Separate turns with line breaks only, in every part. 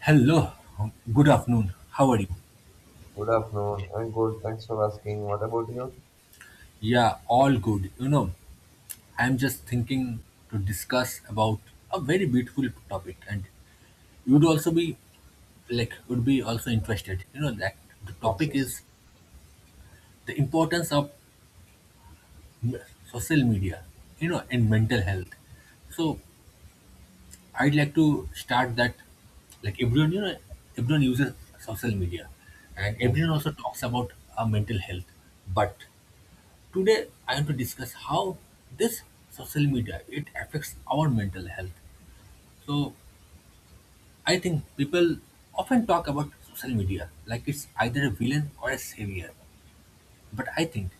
Hello, good afternoon. How are you?
Good afternoon. I'm good. Thanks for asking. What about you?
Yeah, all good. I'm just thinking to discuss about a very beautiful topic, and you'd also be would be also interested. You know that the
Yes,
topic
yes,
is the importance of m- social media. You know, in mental health. So I'd like to start that. Like everyone, everyone uses social media, and
yes,
everyone also talks about mental health, but today, I want to discuss how this social media it affects our mental health. So, I think people often talk about social media like it's either a villain or a savior, but I think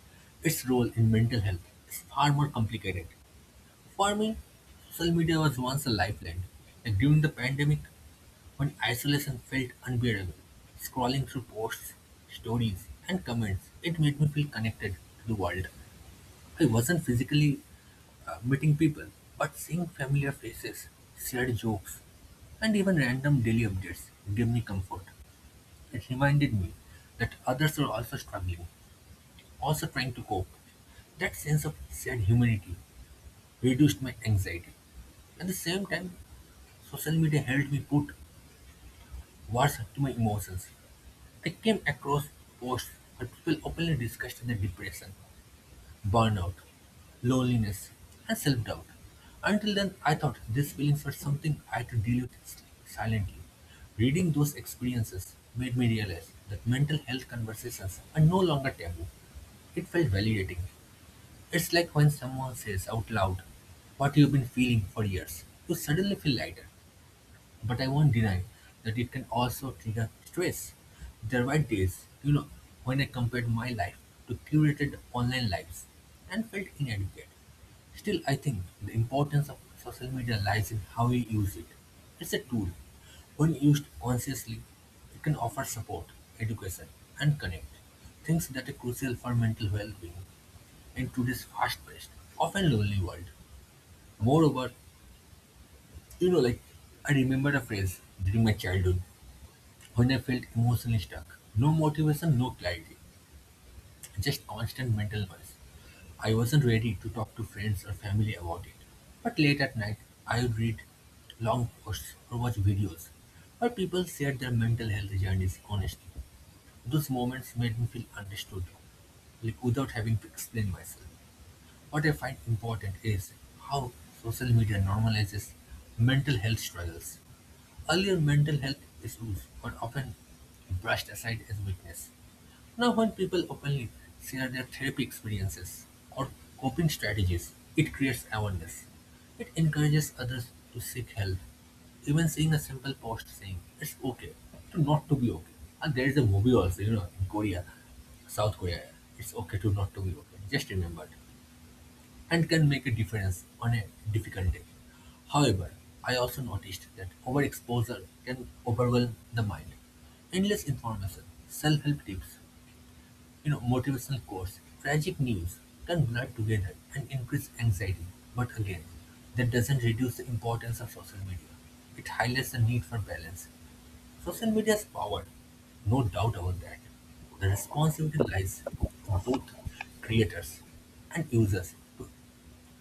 its role in mental health is far more complicated. For me, social media was once a lifeline. Like during the pandemic, when isolation felt unbearable, scrolling through posts, stories, and comments, it made me feel connected to the world. I wasn't physically meeting people, but seeing familiar faces, shared jokes, and even random daily updates gave me comfort. It reminded me that others were also struggling, also trying to cope. That sense of shared humanity reduced my anxiety. At the same time, social media helped me put words to my emotions. I came across posts where people openly discussed their depression, burnout, loneliness, and self doubt. Until then, I thought these feelings were something I had to deal with silently. Reading those experiences made me realize that mental health conversations are no longer taboo. It felt validating. It's like when someone says out loud what you've been feeling for years, you suddenly feel lighter. But I won't deny that it can also trigger stress. There were days, when I compared my life to curated online lives and felt inadequate. Still, I think the importance of social media lies in how we use it. It's a tool. When used consciously, it can offer support, education, and connect. Things that are crucial for mental well being in today's fast paced, often lonely world. Moreover, like I remember a phrase during my childhood when I felt emotionally stuck, no motivation, no clarity, just constant mental noise. I wasn't ready to talk to friends or family about it. But late at night, I would read long posts or watch videos where people shared their mental health journeys honestly. Those moments made me feel understood, like without having to explain myself. What I find important is how social media normalizes mental health struggles. Earlier, mental health issues were often brushed aside as weakness. Now, when people openly share their therapy experiences or coping strategies, it creates awareness. It encourages others to seek help. Even seeing a simple post saying it's okay to not to be okay. And there is a movie also, you know, in Korea, South Korea, it's okay to not to be okay. Just remember and can make a difference on a difficult day. However, I also noticed that overexposure can overwhelm the mind. Endless information, self-help tips, motivational quotes, tragic news can blur together and increase anxiety. But again, that doesn't reduce the importance of social media. It highlights the need for balance. Social media's power, no doubt about that. The responsibility lies with both creators and users to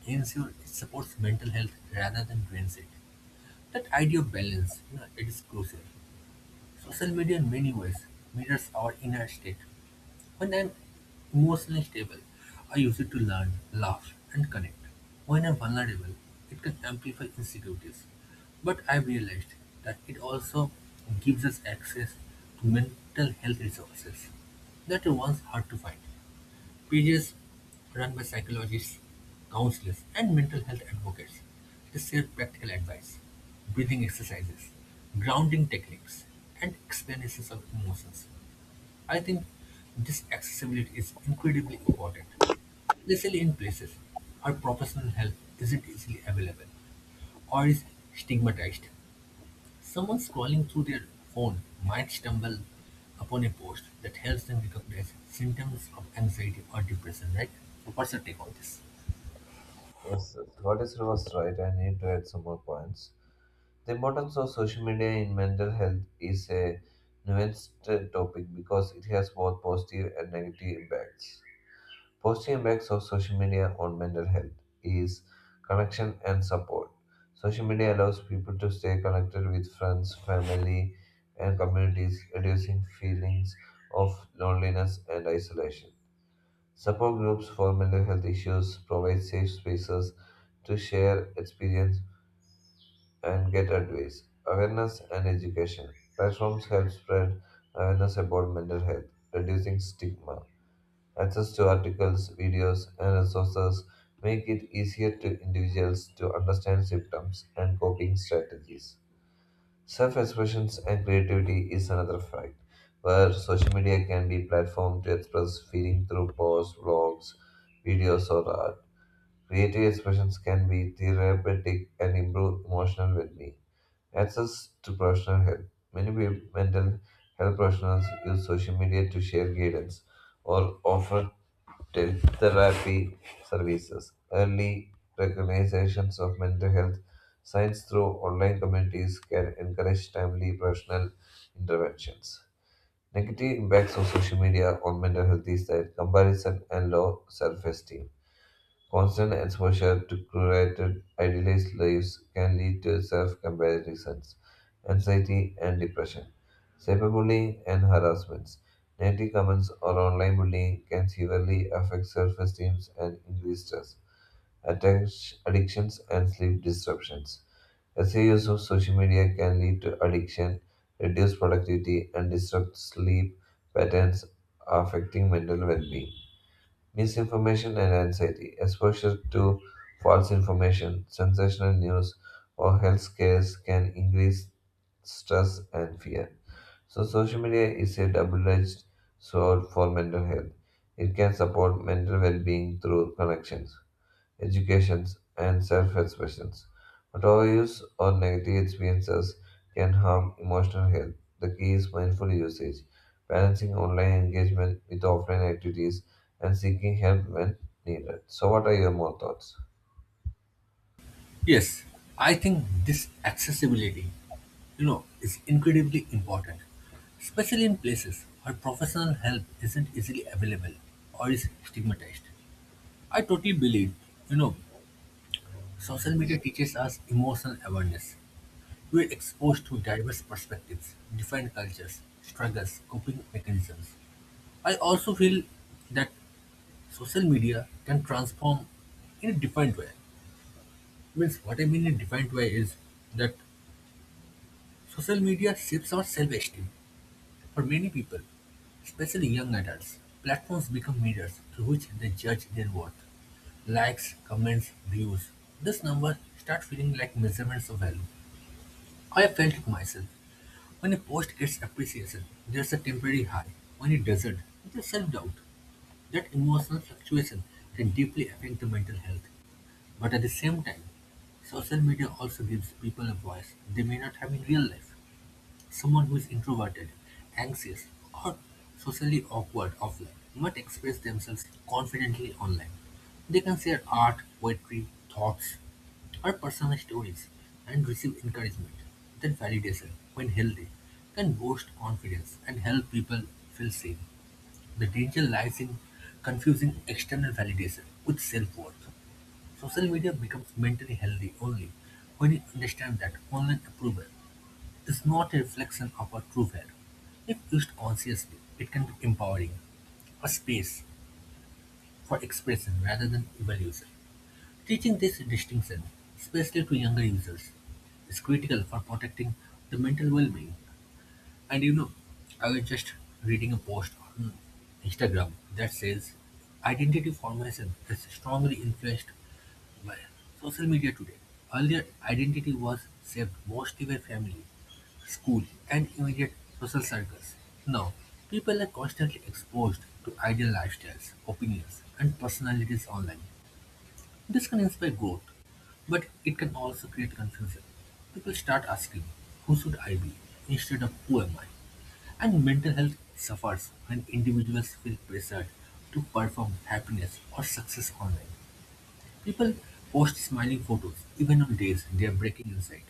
ensure it supports mental health rather than drains it. That idea of balance, it is crucial. Social media in many ways mirrors our inner state. When I'm emotionally stable, I use it to learn, laugh, and connect. When I'm vulnerable, it can amplify insecurities. But I've realized that it also gives us access to mental health resources that were once hard to find. Pages run by psychologists, counselors, and mental health advocates. They share practical advice, breathing exercises, grounding techniques, and explanations of emotions. I think this accessibility is incredibly important, especially in places where professional help isn't easily available or is stigmatized. Someone scrolling through their phone might stumble upon a post that helps them recognize symptoms of anxiety or depression, right? So what's your take on this?
yes, yes. What is was right? I need to add some more points. The importance of social media in mental health is a nuanced topic because it has both positive and negative impacts. Positive impacts of social media on mental health is connection and support. Social media allows people to stay connected with friends, family, and communities, reducing feelings of loneliness and isolation. Support groups for mental health issues provide safe spaces to share experience and get advice. Awareness and education. Platforms help spread awareness about mental health, reducing stigma. Access to articles, videos, and resources make it easier to individuals to understand symptoms and coping strategies. Self expression and creativity is another fact, where social media can be platform to express feeling through posts, blogs, videos, or art. Creative expressions can be therapeutic and improve emotional well-being. Access to professional help. Many mental health professionals use social media to share guidance or offer therapy services, early recognitions of mental health signs through online communities can encourage timely professional interventions. Negative impacts of social media on mental health is that comparison and low self-esteem. Constant exposure to curated, idealized lives can lead to self comparisons, anxiety, and depression. Cyberbullying and harassments. Negative comments or online bullying can severely affect self esteem and increase stress, addictions, and sleep disruptions. Excessive use of social media can lead to addiction, reduce productivity, and disrupt sleep patterns, affecting mental well being. Misinformation and anxiety, exposure to false information, sensational news, or health scares can increase stress and fear. So, social media is a double edged sword for mental health. It can support mental well being through connections, educations, and self expression. But overuse or negative experiences can harm emotional health. The key is mindful usage, balancing online engagement with offline activities, and seeking help when needed. So, what are your more thoughts?
Yes, I think this accessibility, is incredibly important, especially in places where professional help isn't easily available or is stigmatized. I totally believe, you know, social media teaches us emotional awareness. We're exposed to diverse perspectives, different cultures, struggles, coping mechanisms. I also feel that social media can transform in a different way. Means what I mean in different way is that social media shapes our self-esteem. For many people, especially young adults, platforms become mirrors through which they judge their worth. Likes, comments, views. This number start feeling like measurements of value. I felt it myself. When a post gets appreciation, there's a temporary high. When it doesn't, there's self doubt. That emotional fluctuation can deeply affect the mental health. But at the same time, social media also gives people a voice they may not have in real life. Someone who is introverted, anxious, or socially awkward offline might express themselves confidently online. They can share art, poetry, thoughts, or personal stories and receive encouragement. That validation, when healthy, can boost confidence and help people feel safe. The danger lies in confusing external validation with self worth. Social media becomes mentally healthy only when you understand that online approval is not a reflection of our true value. If used consciously, it can be empowering, a space for expression rather than evolution. Teaching this distinction, especially to younger users, is critical for protecting the mental well-being. And you know, I was just reading a post on Instagram that says identity formation is strongly influenced well, social media today. Earlier, identity was saved mostly by family, school, and immediate social circles. Now, people are constantly exposed to ideal lifestyles, opinions, and personalities online. This can inspire growth, but it can also create confusion. People start asking, who should I be? Instead of who am I? And mental health suffers when individuals feel pressured to perform happiness or success online. People post smiling photos even on days they are breaking inside.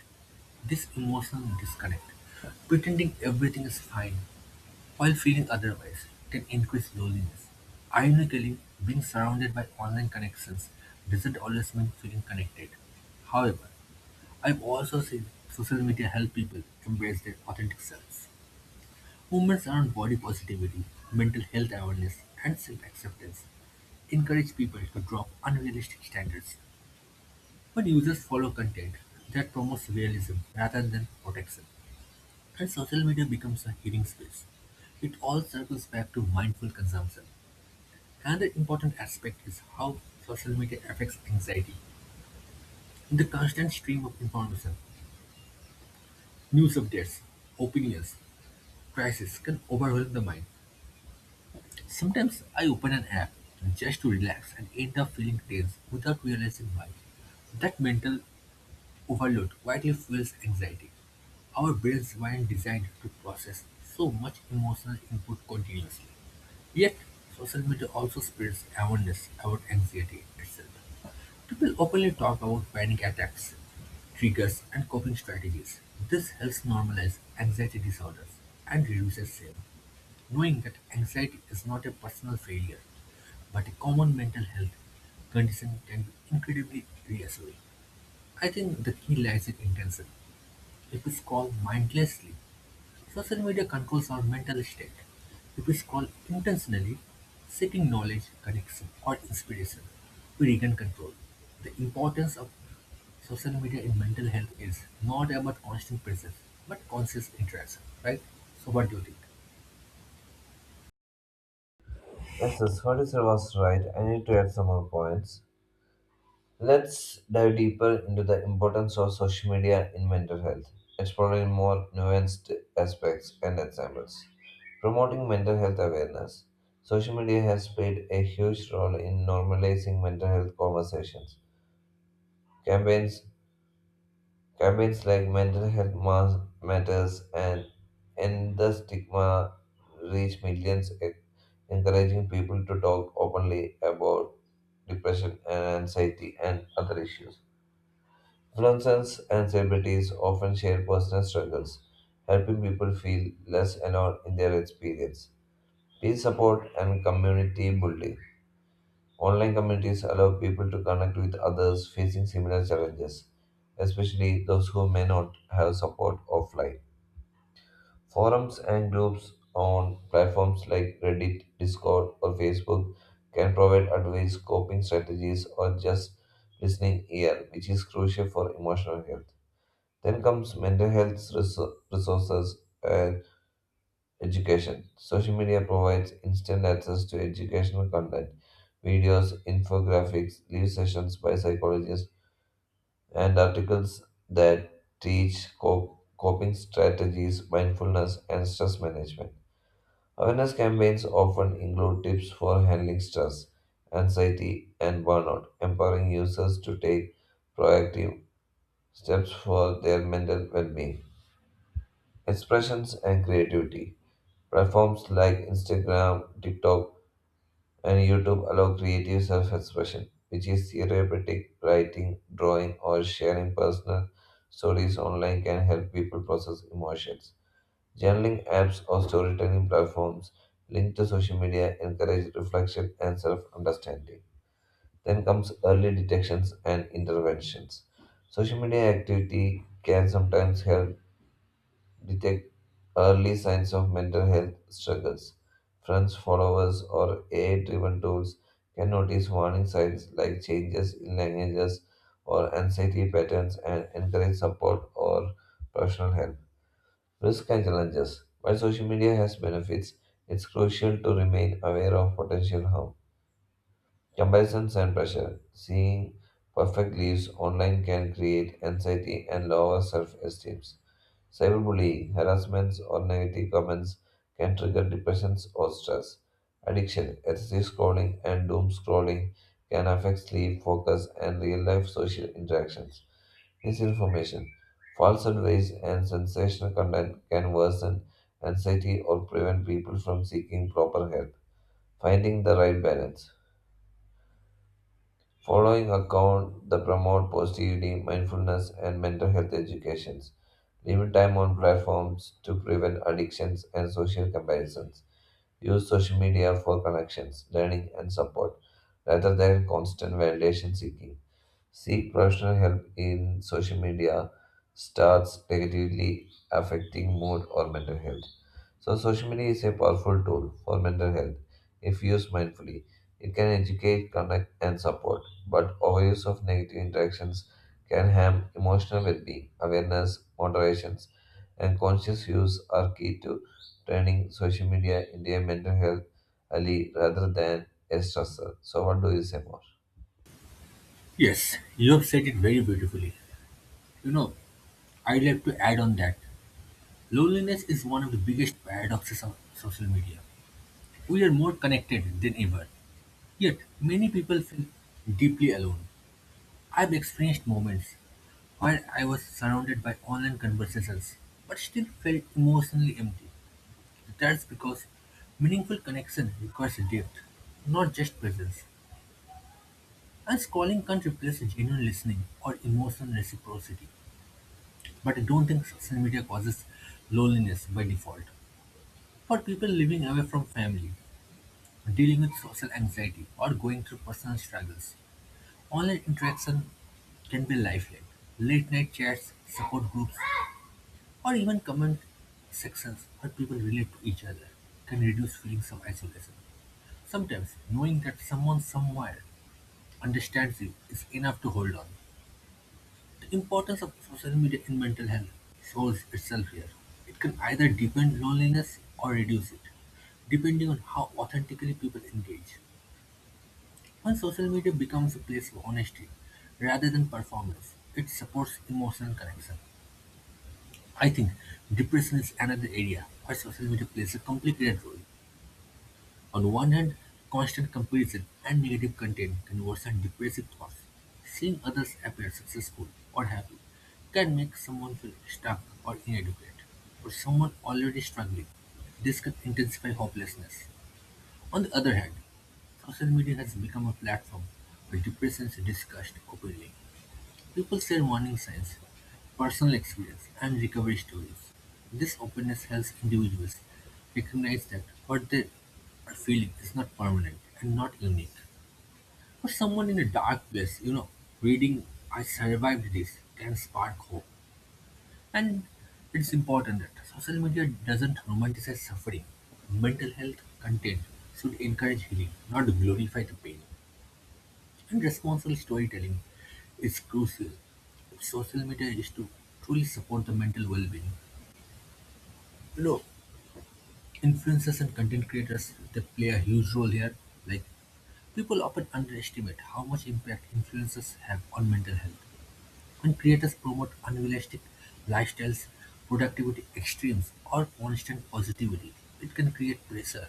This emotional disconnect, pretending everything is fine while feeling otherwise, can increase loneliness. Ironically, being surrounded by online connections doesn't always mean feeling connected. However, I've also seen social media help people embrace their authentic selves. Movements around body positivity, mental health awareness, and self acceptance encourage people to drop unrealistic standards when users follow content that promotes realism rather than protection, and social media becomes a hearing space, it all circles back to mindful consumption. Another important aspect is how social media affects anxiety. In the constant stream of information, news updates, opinions, crises can overwhelm the mind. Sometimes I open an app just to relax and end up feeling tense without realizing why. That mental overload quietly fuels anxiety. Our brains weren't designed to process so much emotional input continuously. Yet, social media also spreads awareness about anxiety itself. People openly talk about panic attacks, triggers, and coping strategies. This helps normalize anxiety disorders and reduces shame, knowing that anxiety is not a personal failure but a common mental health condition can be incredibly reassuring. I think the key lies in intention. If we scroll mindlessly, social media controls our mental state. If we scroll intentionally, seeking knowledge, connection, or inspiration, we regain control. The importance of social media in mental health is not about constant presence, but conscious interaction, right? So, what do you think?
Yes, yes, what you said was right. I need to add some more points. Let's dive deeper into the importance of social media in mental health, exploring more nuanced aspects and examples. Promoting mental health awareness. Social media has played a huge role in normalizing mental health conversations. Campaigns campaigns like Mental Health Matters and End the Stigma reach millions, encouraging people to talk openly about depression and anxiety and other issues. Influencers and celebrities often share personal struggles, helping people feel less alone in their experience. Peer support and community building. Online communities allow people to connect with others facing similar challenges, especially those who may not have support offline. Forums and groups on platforms like Reddit, Discord, or Facebook can provide advice, coping strategies, or just listening ear, which is crucial for emotional health. Then comes mental health resources and education. Social media provides instant access to educational content, videos, infographics, live sessions by psychologists, and articles that teach coping strategies, mindfulness, and stress management. Awareness campaigns often include tips for handling stress, anxiety, and burnout, empowering users to take proactive steps for their mental well being. Expressions and creativity. Platforms like Instagram, TikTok, and YouTube allow creative self expression, which is therapeutic. Writing, drawing, or sharing personal stories online can help people process emotions. Journaling apps or storytelling platforms linked to social media encourage reflection and self understanding. Then comes early detections and interventions. Social media activity can sometimes help detect early signs of mental health struggles. Friends, followers, or AI driven tools can notice warning signs like changes in languages or anxiety patterns and encourage support or professional help. Risks and challenges. While social media has benefits, it's crucial to remain aware of potential harm. Comparisons and pressure. Seeing perfect lives online can create anxiety and lower self esteem. Cyberbullying, harassments, or negative comments can trigger depression or stress. Addiction, excessive scrolling, and doom scrolling can affect sleep, focus, and real life social interactions. Misinformation, false advice, and sensational content can worsen anxiety or prevent people from seeking proper help. Finding the right balance, following account the promote positivity, mindfulness, and mental health educations, limit time on platforms to prevent addictions and social comparisons, use social media for connections, learning, and support rather than constant validation seeking. Seek professional help in social media starts negatively affecting mood or mental health. So, social media is a powerful tool for mental health if used mindfully. It can educate, connect, and support, but overuse of negative interactions can harm emotional well being. Awareness, moderation, and conscious use are key to turning social media into a mental health ally rather than a stressor. So, what do you say more?
Yes, you have said it very beautifully. You know, I'd like to add on that loneliness is one of the biggest paradoxes of social media. We are more connected than ever, yet many people feel deeply alone. I've experienced moments where I was surrounded by online conversations but still felt emotionally empty. That's because meaningful connection requires depth, not just presence. And scrolling can't replace genuine listening or emotional reciprocity. But I don't think social media causes loneliness by default. For people living away from family, dealing with social anxiety, or going through personal struggles, online interaction can be lively: late-night chats, support groups, or even comment sections where people relate to each other can reduce feelings of isolation. Sometimes knowing that someone somewhere understands you is enough to hold on. The importance of social media in mental health shows itself here. It can either deepen loneliness or reduce it, depending on how authentically people engage. When social media becomes a place of honesty rather than performance, it supports emotional connection. I think depression is another area where social media plays a complicated role. On one hand, constant comparison and negative content can worsen depressive thoughts. Seeing others appear successful or happy can make someone feel stuck or inadequate, or someone already struggling. This can intensify hopelessness. On the other hand, social media has become a platform where depression is discussed openly. People share warning signs, personal experience, and recovery stories. This openness helps individuals recognize that what they are feeling is not permanent and not unique. For someone in a dark place, reading "I survived this" can spark hope. And it's important that social media doesn't romanticize suffering. Mental health content should encourage healing, not glorify the pain. And responsible storytelling is crucial. If social media is to truly support the mental well-being, you know, influencers and content creators they play a huge role here. Like, people often underestimate how much impact influencers have on mental health. When creators promote unrealistic lifestyles, productivity extremes, or constant positivity, it can create pressure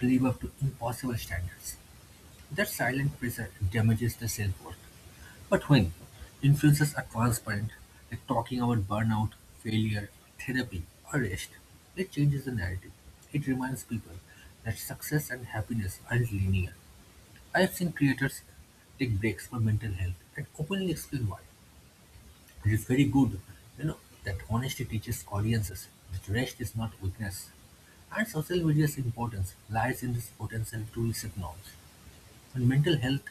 to live up to impossible standards. That silent pressure damages the self-worth. But when influences are transparent, like talking about burnout, failure, therapy, or rest, it changes the narrative. It reminds people that success and happiness aren't linear. I have seen creators take breaks for mental health and openly explain why. It is very good, you know, that honesty teaches audiences that rest is not weakness. And social media's importance lies in its potential to reset norms. When mental health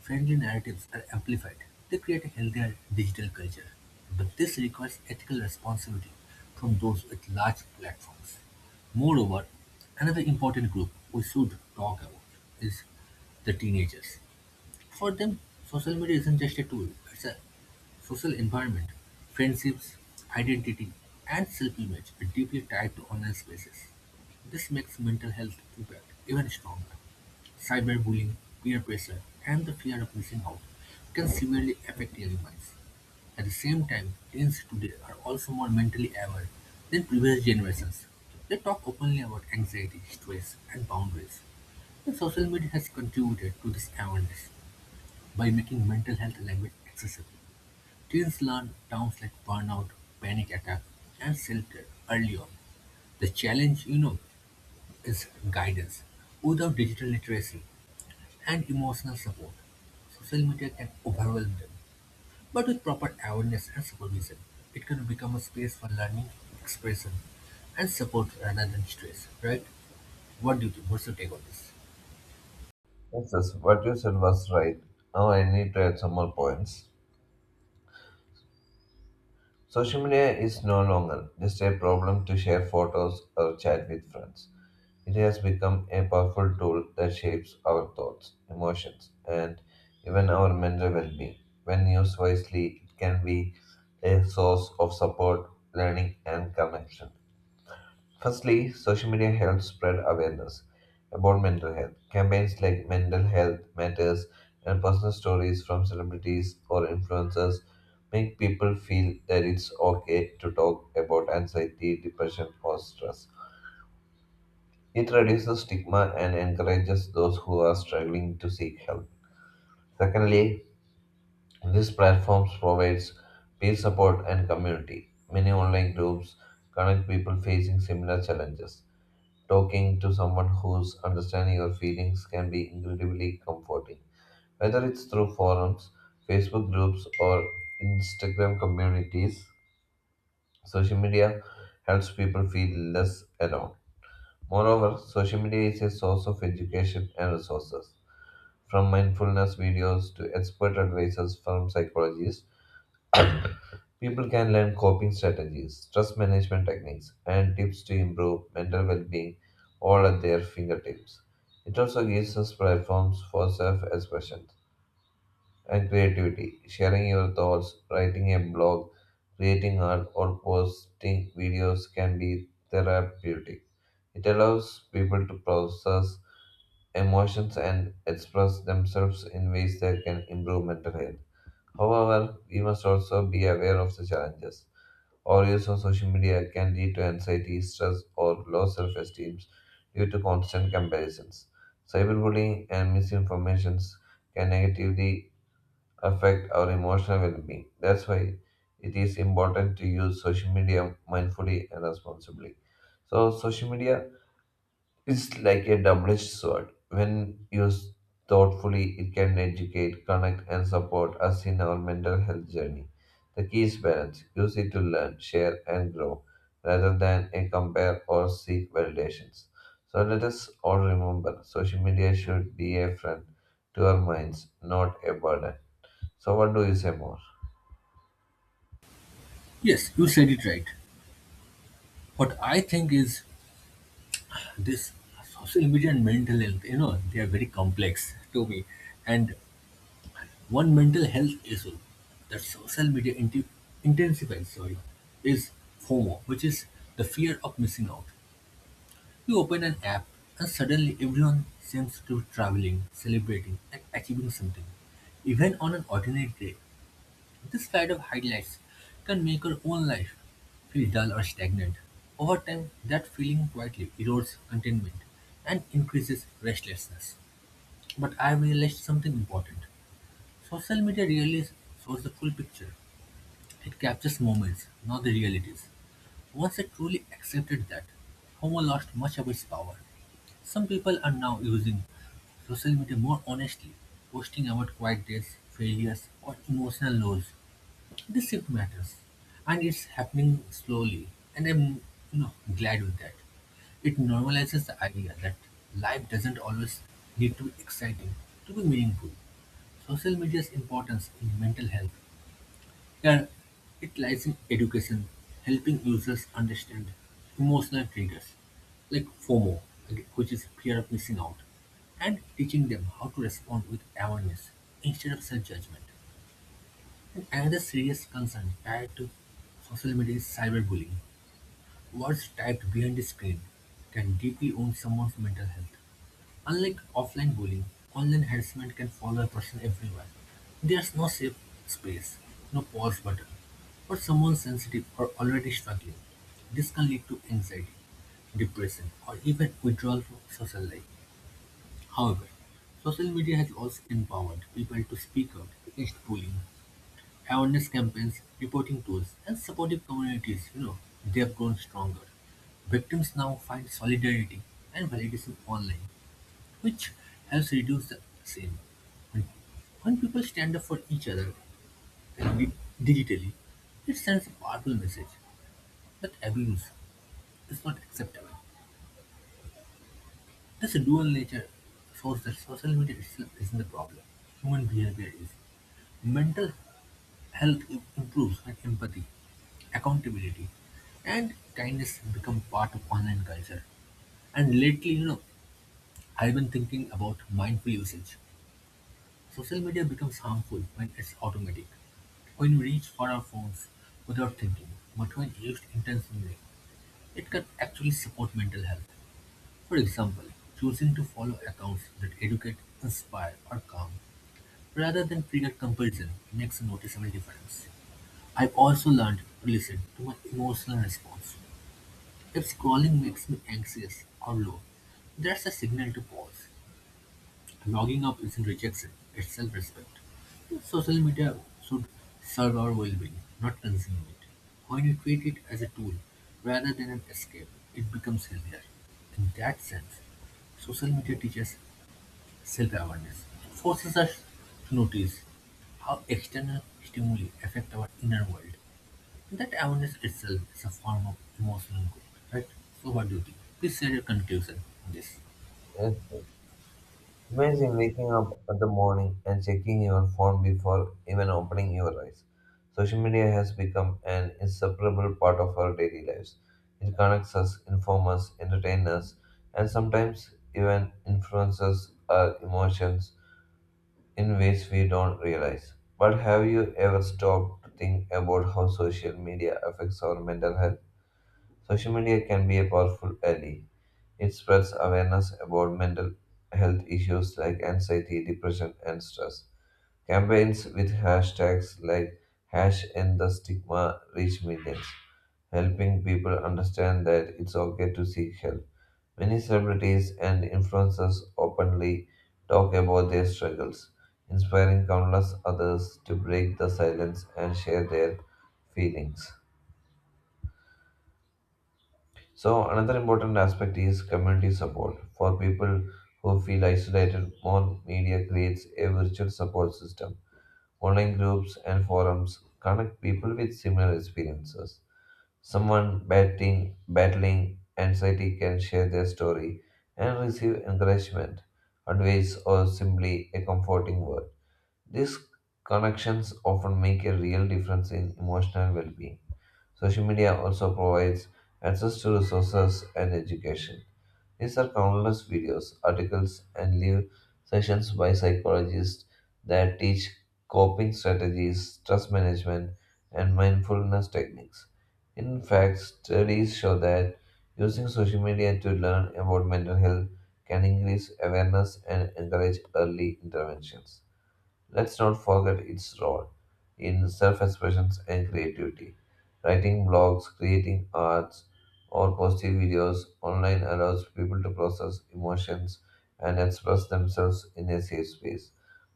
friendly narratives are amplified, they create a healthier digital culture. But this requires ethical responsibility from those with large platforms. Moreover, another important group we should talk about is the teenagers. For them, social media isn't just a tool, it's a social environment. Friendships, identity, and self image are deeply tied to online spaces. This makes mental health impact even stronger. Cyberbullying, peer pressure, and the fear of missing out can severely affect young minds. At the same time, teens today are also more mentally aware than previous generations. They talk openly about anxiety, stress, and boundaries. And social media has contributed to this awareness. By making mental health language accessible, teens learn terms like burnout, panic attack, and self-care early on. The challenge, is guidance. Without digital literacy and emotional support, social media can overwhelm them. But with proper awareness and supervision, it can become a space for learning, expression, and support rather than stress, right? What do you think? What's your take on this?
Yes, yes, what you said was right. Now, I need to add some more points. Social media is no longer just a problem to share photos or chat with friends. It has become a powerful tool that shapes our thoughts, emotions, and even our mental well being. When used wisely, it can be a source of support, learning, and connection. Firstly, social media helps spread awareness about mental health. Campaigns like Mental Health Matters and personal stories from celebrities or influencers make people feel that it's okay to talk about anxiety, depression, or stress. It reduces stigma and encourages those who are struggling to seek help. Secondly, these platforms provides peer support and community. Many online groups connect people facing similar challenges. Talking to someone who's understanding your feelings can be incredibly comforting. Whether it's through forums, Facebook groups, or Instagram communities, social media helps people feel less alone. Moreover, social media is a source of education and resources, from mindfulness videos to expert advices from psychologists. People can learn coping strategies, stress management techniques, and tips to improve mental well being all at their fingertips. It also gives us platforms for self expression and creativity, sharing your thoughts, writing a blog, creating art, or posting videos can be therapeutic. It allows people to process emotions and express themselves in ways that can improve mental health. However, we must also be aware of the challenges or use of social media can lead to anxiety, stress, or low self esteem due to constant comparisons. Cyberbullying and misinformation can negatively affect our emotional well being. That's why it is important to use social media mindfully and responsibly. So, social media, it's like a double-edged sword. When used thoughtfully, it can educate, connect, and support us in our mental health journey. The key is balance. Use it to learn, share, and grow, rather than a compare or seek validations. So let us all remember, social media should be a friend to our minds, not a burden. So what do you say more?
Yes, you said it right. What I think is this social media and mental health, they are very complex to me. And one mental health issue that social media intensifies, sorry, is FOMO, which is the fear of missing out. You open an app and suddenly everyone seems to be traveling, celebrating, and achieving something. Even on an ordinary day, this slide of highlights can make our own life feel dull or stagnant. Over time, that feeling quietly erodes contentment and increases restlessness. But I realized something important. Social media really shows the full picture. It captures moments, not the realities. Once I truly accepted that, Homo lost much of its power. Some people are now using social media more honestly, posting about quiet days, failures, or emotional lows. This shift matters, and it's happening slowly, and I'm you know glad with that. It normalizes the idea that life doesn't always need to be exciting to be meaningful. Social media's importance in mental health, yeah, it lies in education, helping users understand emotional triggers like FOMO, which is fear of missing out, and teaching them how to respond with awareness instead of self-judgment. And another serious concern tied to social media is cyberbullying. Words typed behind a screen can deeply wound someone's mental health. Unlike offline bullying, online harassment can follow a person everywhere. There's no safe space, no pause button. For someone sensitive or already struggling, this can lead to anxiety, depression, or even withdrawal from social life. However, social media has also empowered people to speak out against bullying awareness campaigns, reporting tools, and supportive communities, they've grown stronger. Victims now find solidarity and validation online, which helps reduce the shame. When when people stand up for each other and digitally, it sends a powerful message that abuse is not acceptable. This dual nature shows that social media itself isn't the problem. Human behavior is. Mental health improves when empathy, accountability, and kindness become part of online culture. And lately, I've been thinking about mindful usage. Social media becomes harmful when it's automatic, when we reach for our phones without thinking, but when used intentionally, it can actually support mental health. For example, choosing to follow accounts that educate, inspire, or calm rather than trigger comparison, makes a noticeable difference. I've also learned to listen to my emotional response. If scrolling makes me anxious or low, that's a signal to pause. Logging off isn't rejection, it's self respect. Social media should serve our well being, not consume it. When you treat it as a tool rather than an escape, it becomes healthier. In that sense, social media teaches self awareness, forces us to notice how external stimuli affect our inner world. That awareness itself is a form of emotional growth, right? So what do you think? Please share your conclusion on this.
Yes. Imagine waking up at the morning and checking your phone before even opening your eyes. Social media has become an inseparable part of our daily lives. It connects us, informs us, entertains us, and sometimes even influences our emotions in ways we don't realize. But have you ever stopped to think about how social media affects our mental health? Social media can be a powerful ally. It spreads awareness about mental health issues like anxiety, depression, and stress. Campaigns with hashtags like hash end the stigma reach millions, helping people understand that it's okay to seek help. Many celebrities and influencers openly talk about their struggles, inspiring countless others to break the silence and share their feelings. So, another important aspect is community support. For people who feel isolated, Mon Media creates a virtual support system. Online groups and forums connect people with similar experiences. Someone battling anxiety can share their story and receive encouragement, advice, or simply a comforting word. These connections often make a real difference in emotional well being. Social media also provides access to resources and education. These are countless videos, articles, and live sessions by psychologists that teach coping strategies, stress management, and mindfulness techniques. In fact, studies show that using social media to learn about mental health can increase awareness and encourage early interventions. Let's not forget its role in self expression and creativity. Writing blogs, creating arts, or posting videos online allows people to process emotions and express themselves in a safe space.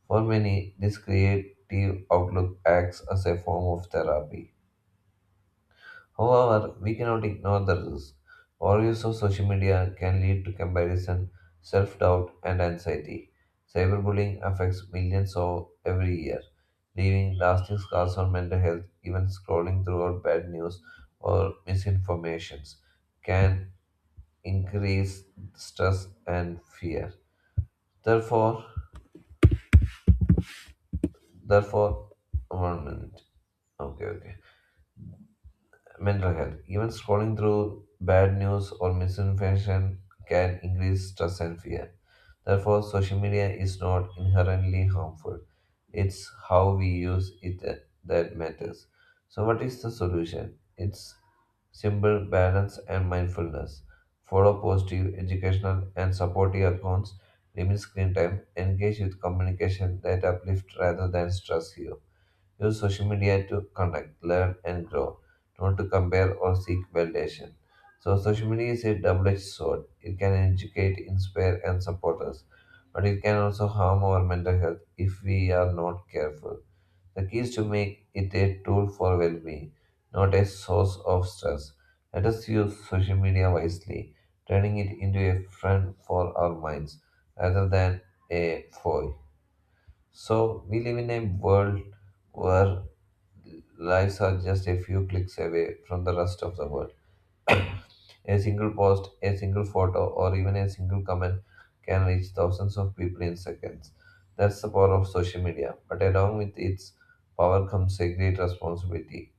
For many, this creative outlook acts as a form of therapy. However, we cannot ignore the risk. Overuse of social media can lead to comparison, self doubt, and anxiety. Cyberbullying affects millions of every year, leaving lasting scars on mental health. Even scrolling throughout bad news or misinformations can increase stress and fear. Therefore, therefore, one minute. Okay, okay. Mental health. Even scrolling through bad news or misinformation can increase stress and fear. Therefore, social media is not inherently harmful. It's how we use it that matters. So, what is the solution? It's simple balance and mindfulness. Follow positive, educational, and supportive accounts. Limit screen time. Engage with communication that uplift rather than stress you. Use social media to connect, learn, and grow, not to compare or seek validation. So, social media is a double edged sword. It can educate, inspire, and support us, but it can also harm our mental health if we are not careful. The key is to make it a tool for well being, not a source of stress. Let us use social media wisely, turning it into a friend for our minds rather than a foe. So, we live in a world where lives are just a few clicks away from the rest of the world. A single post, a single photo, or even a single comment can reach thousands of people in seconds. That's the power of social media. But along with its power comes a great responsibility,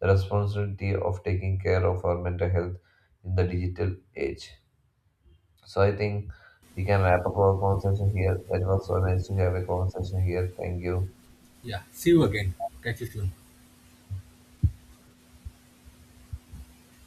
the responsibility of taking care of our mental health in the digital age. So I think we can wrap up our conversation here. That was so nice to have a conversation here. Thank you.
Yeah, see you again. Catch you soon.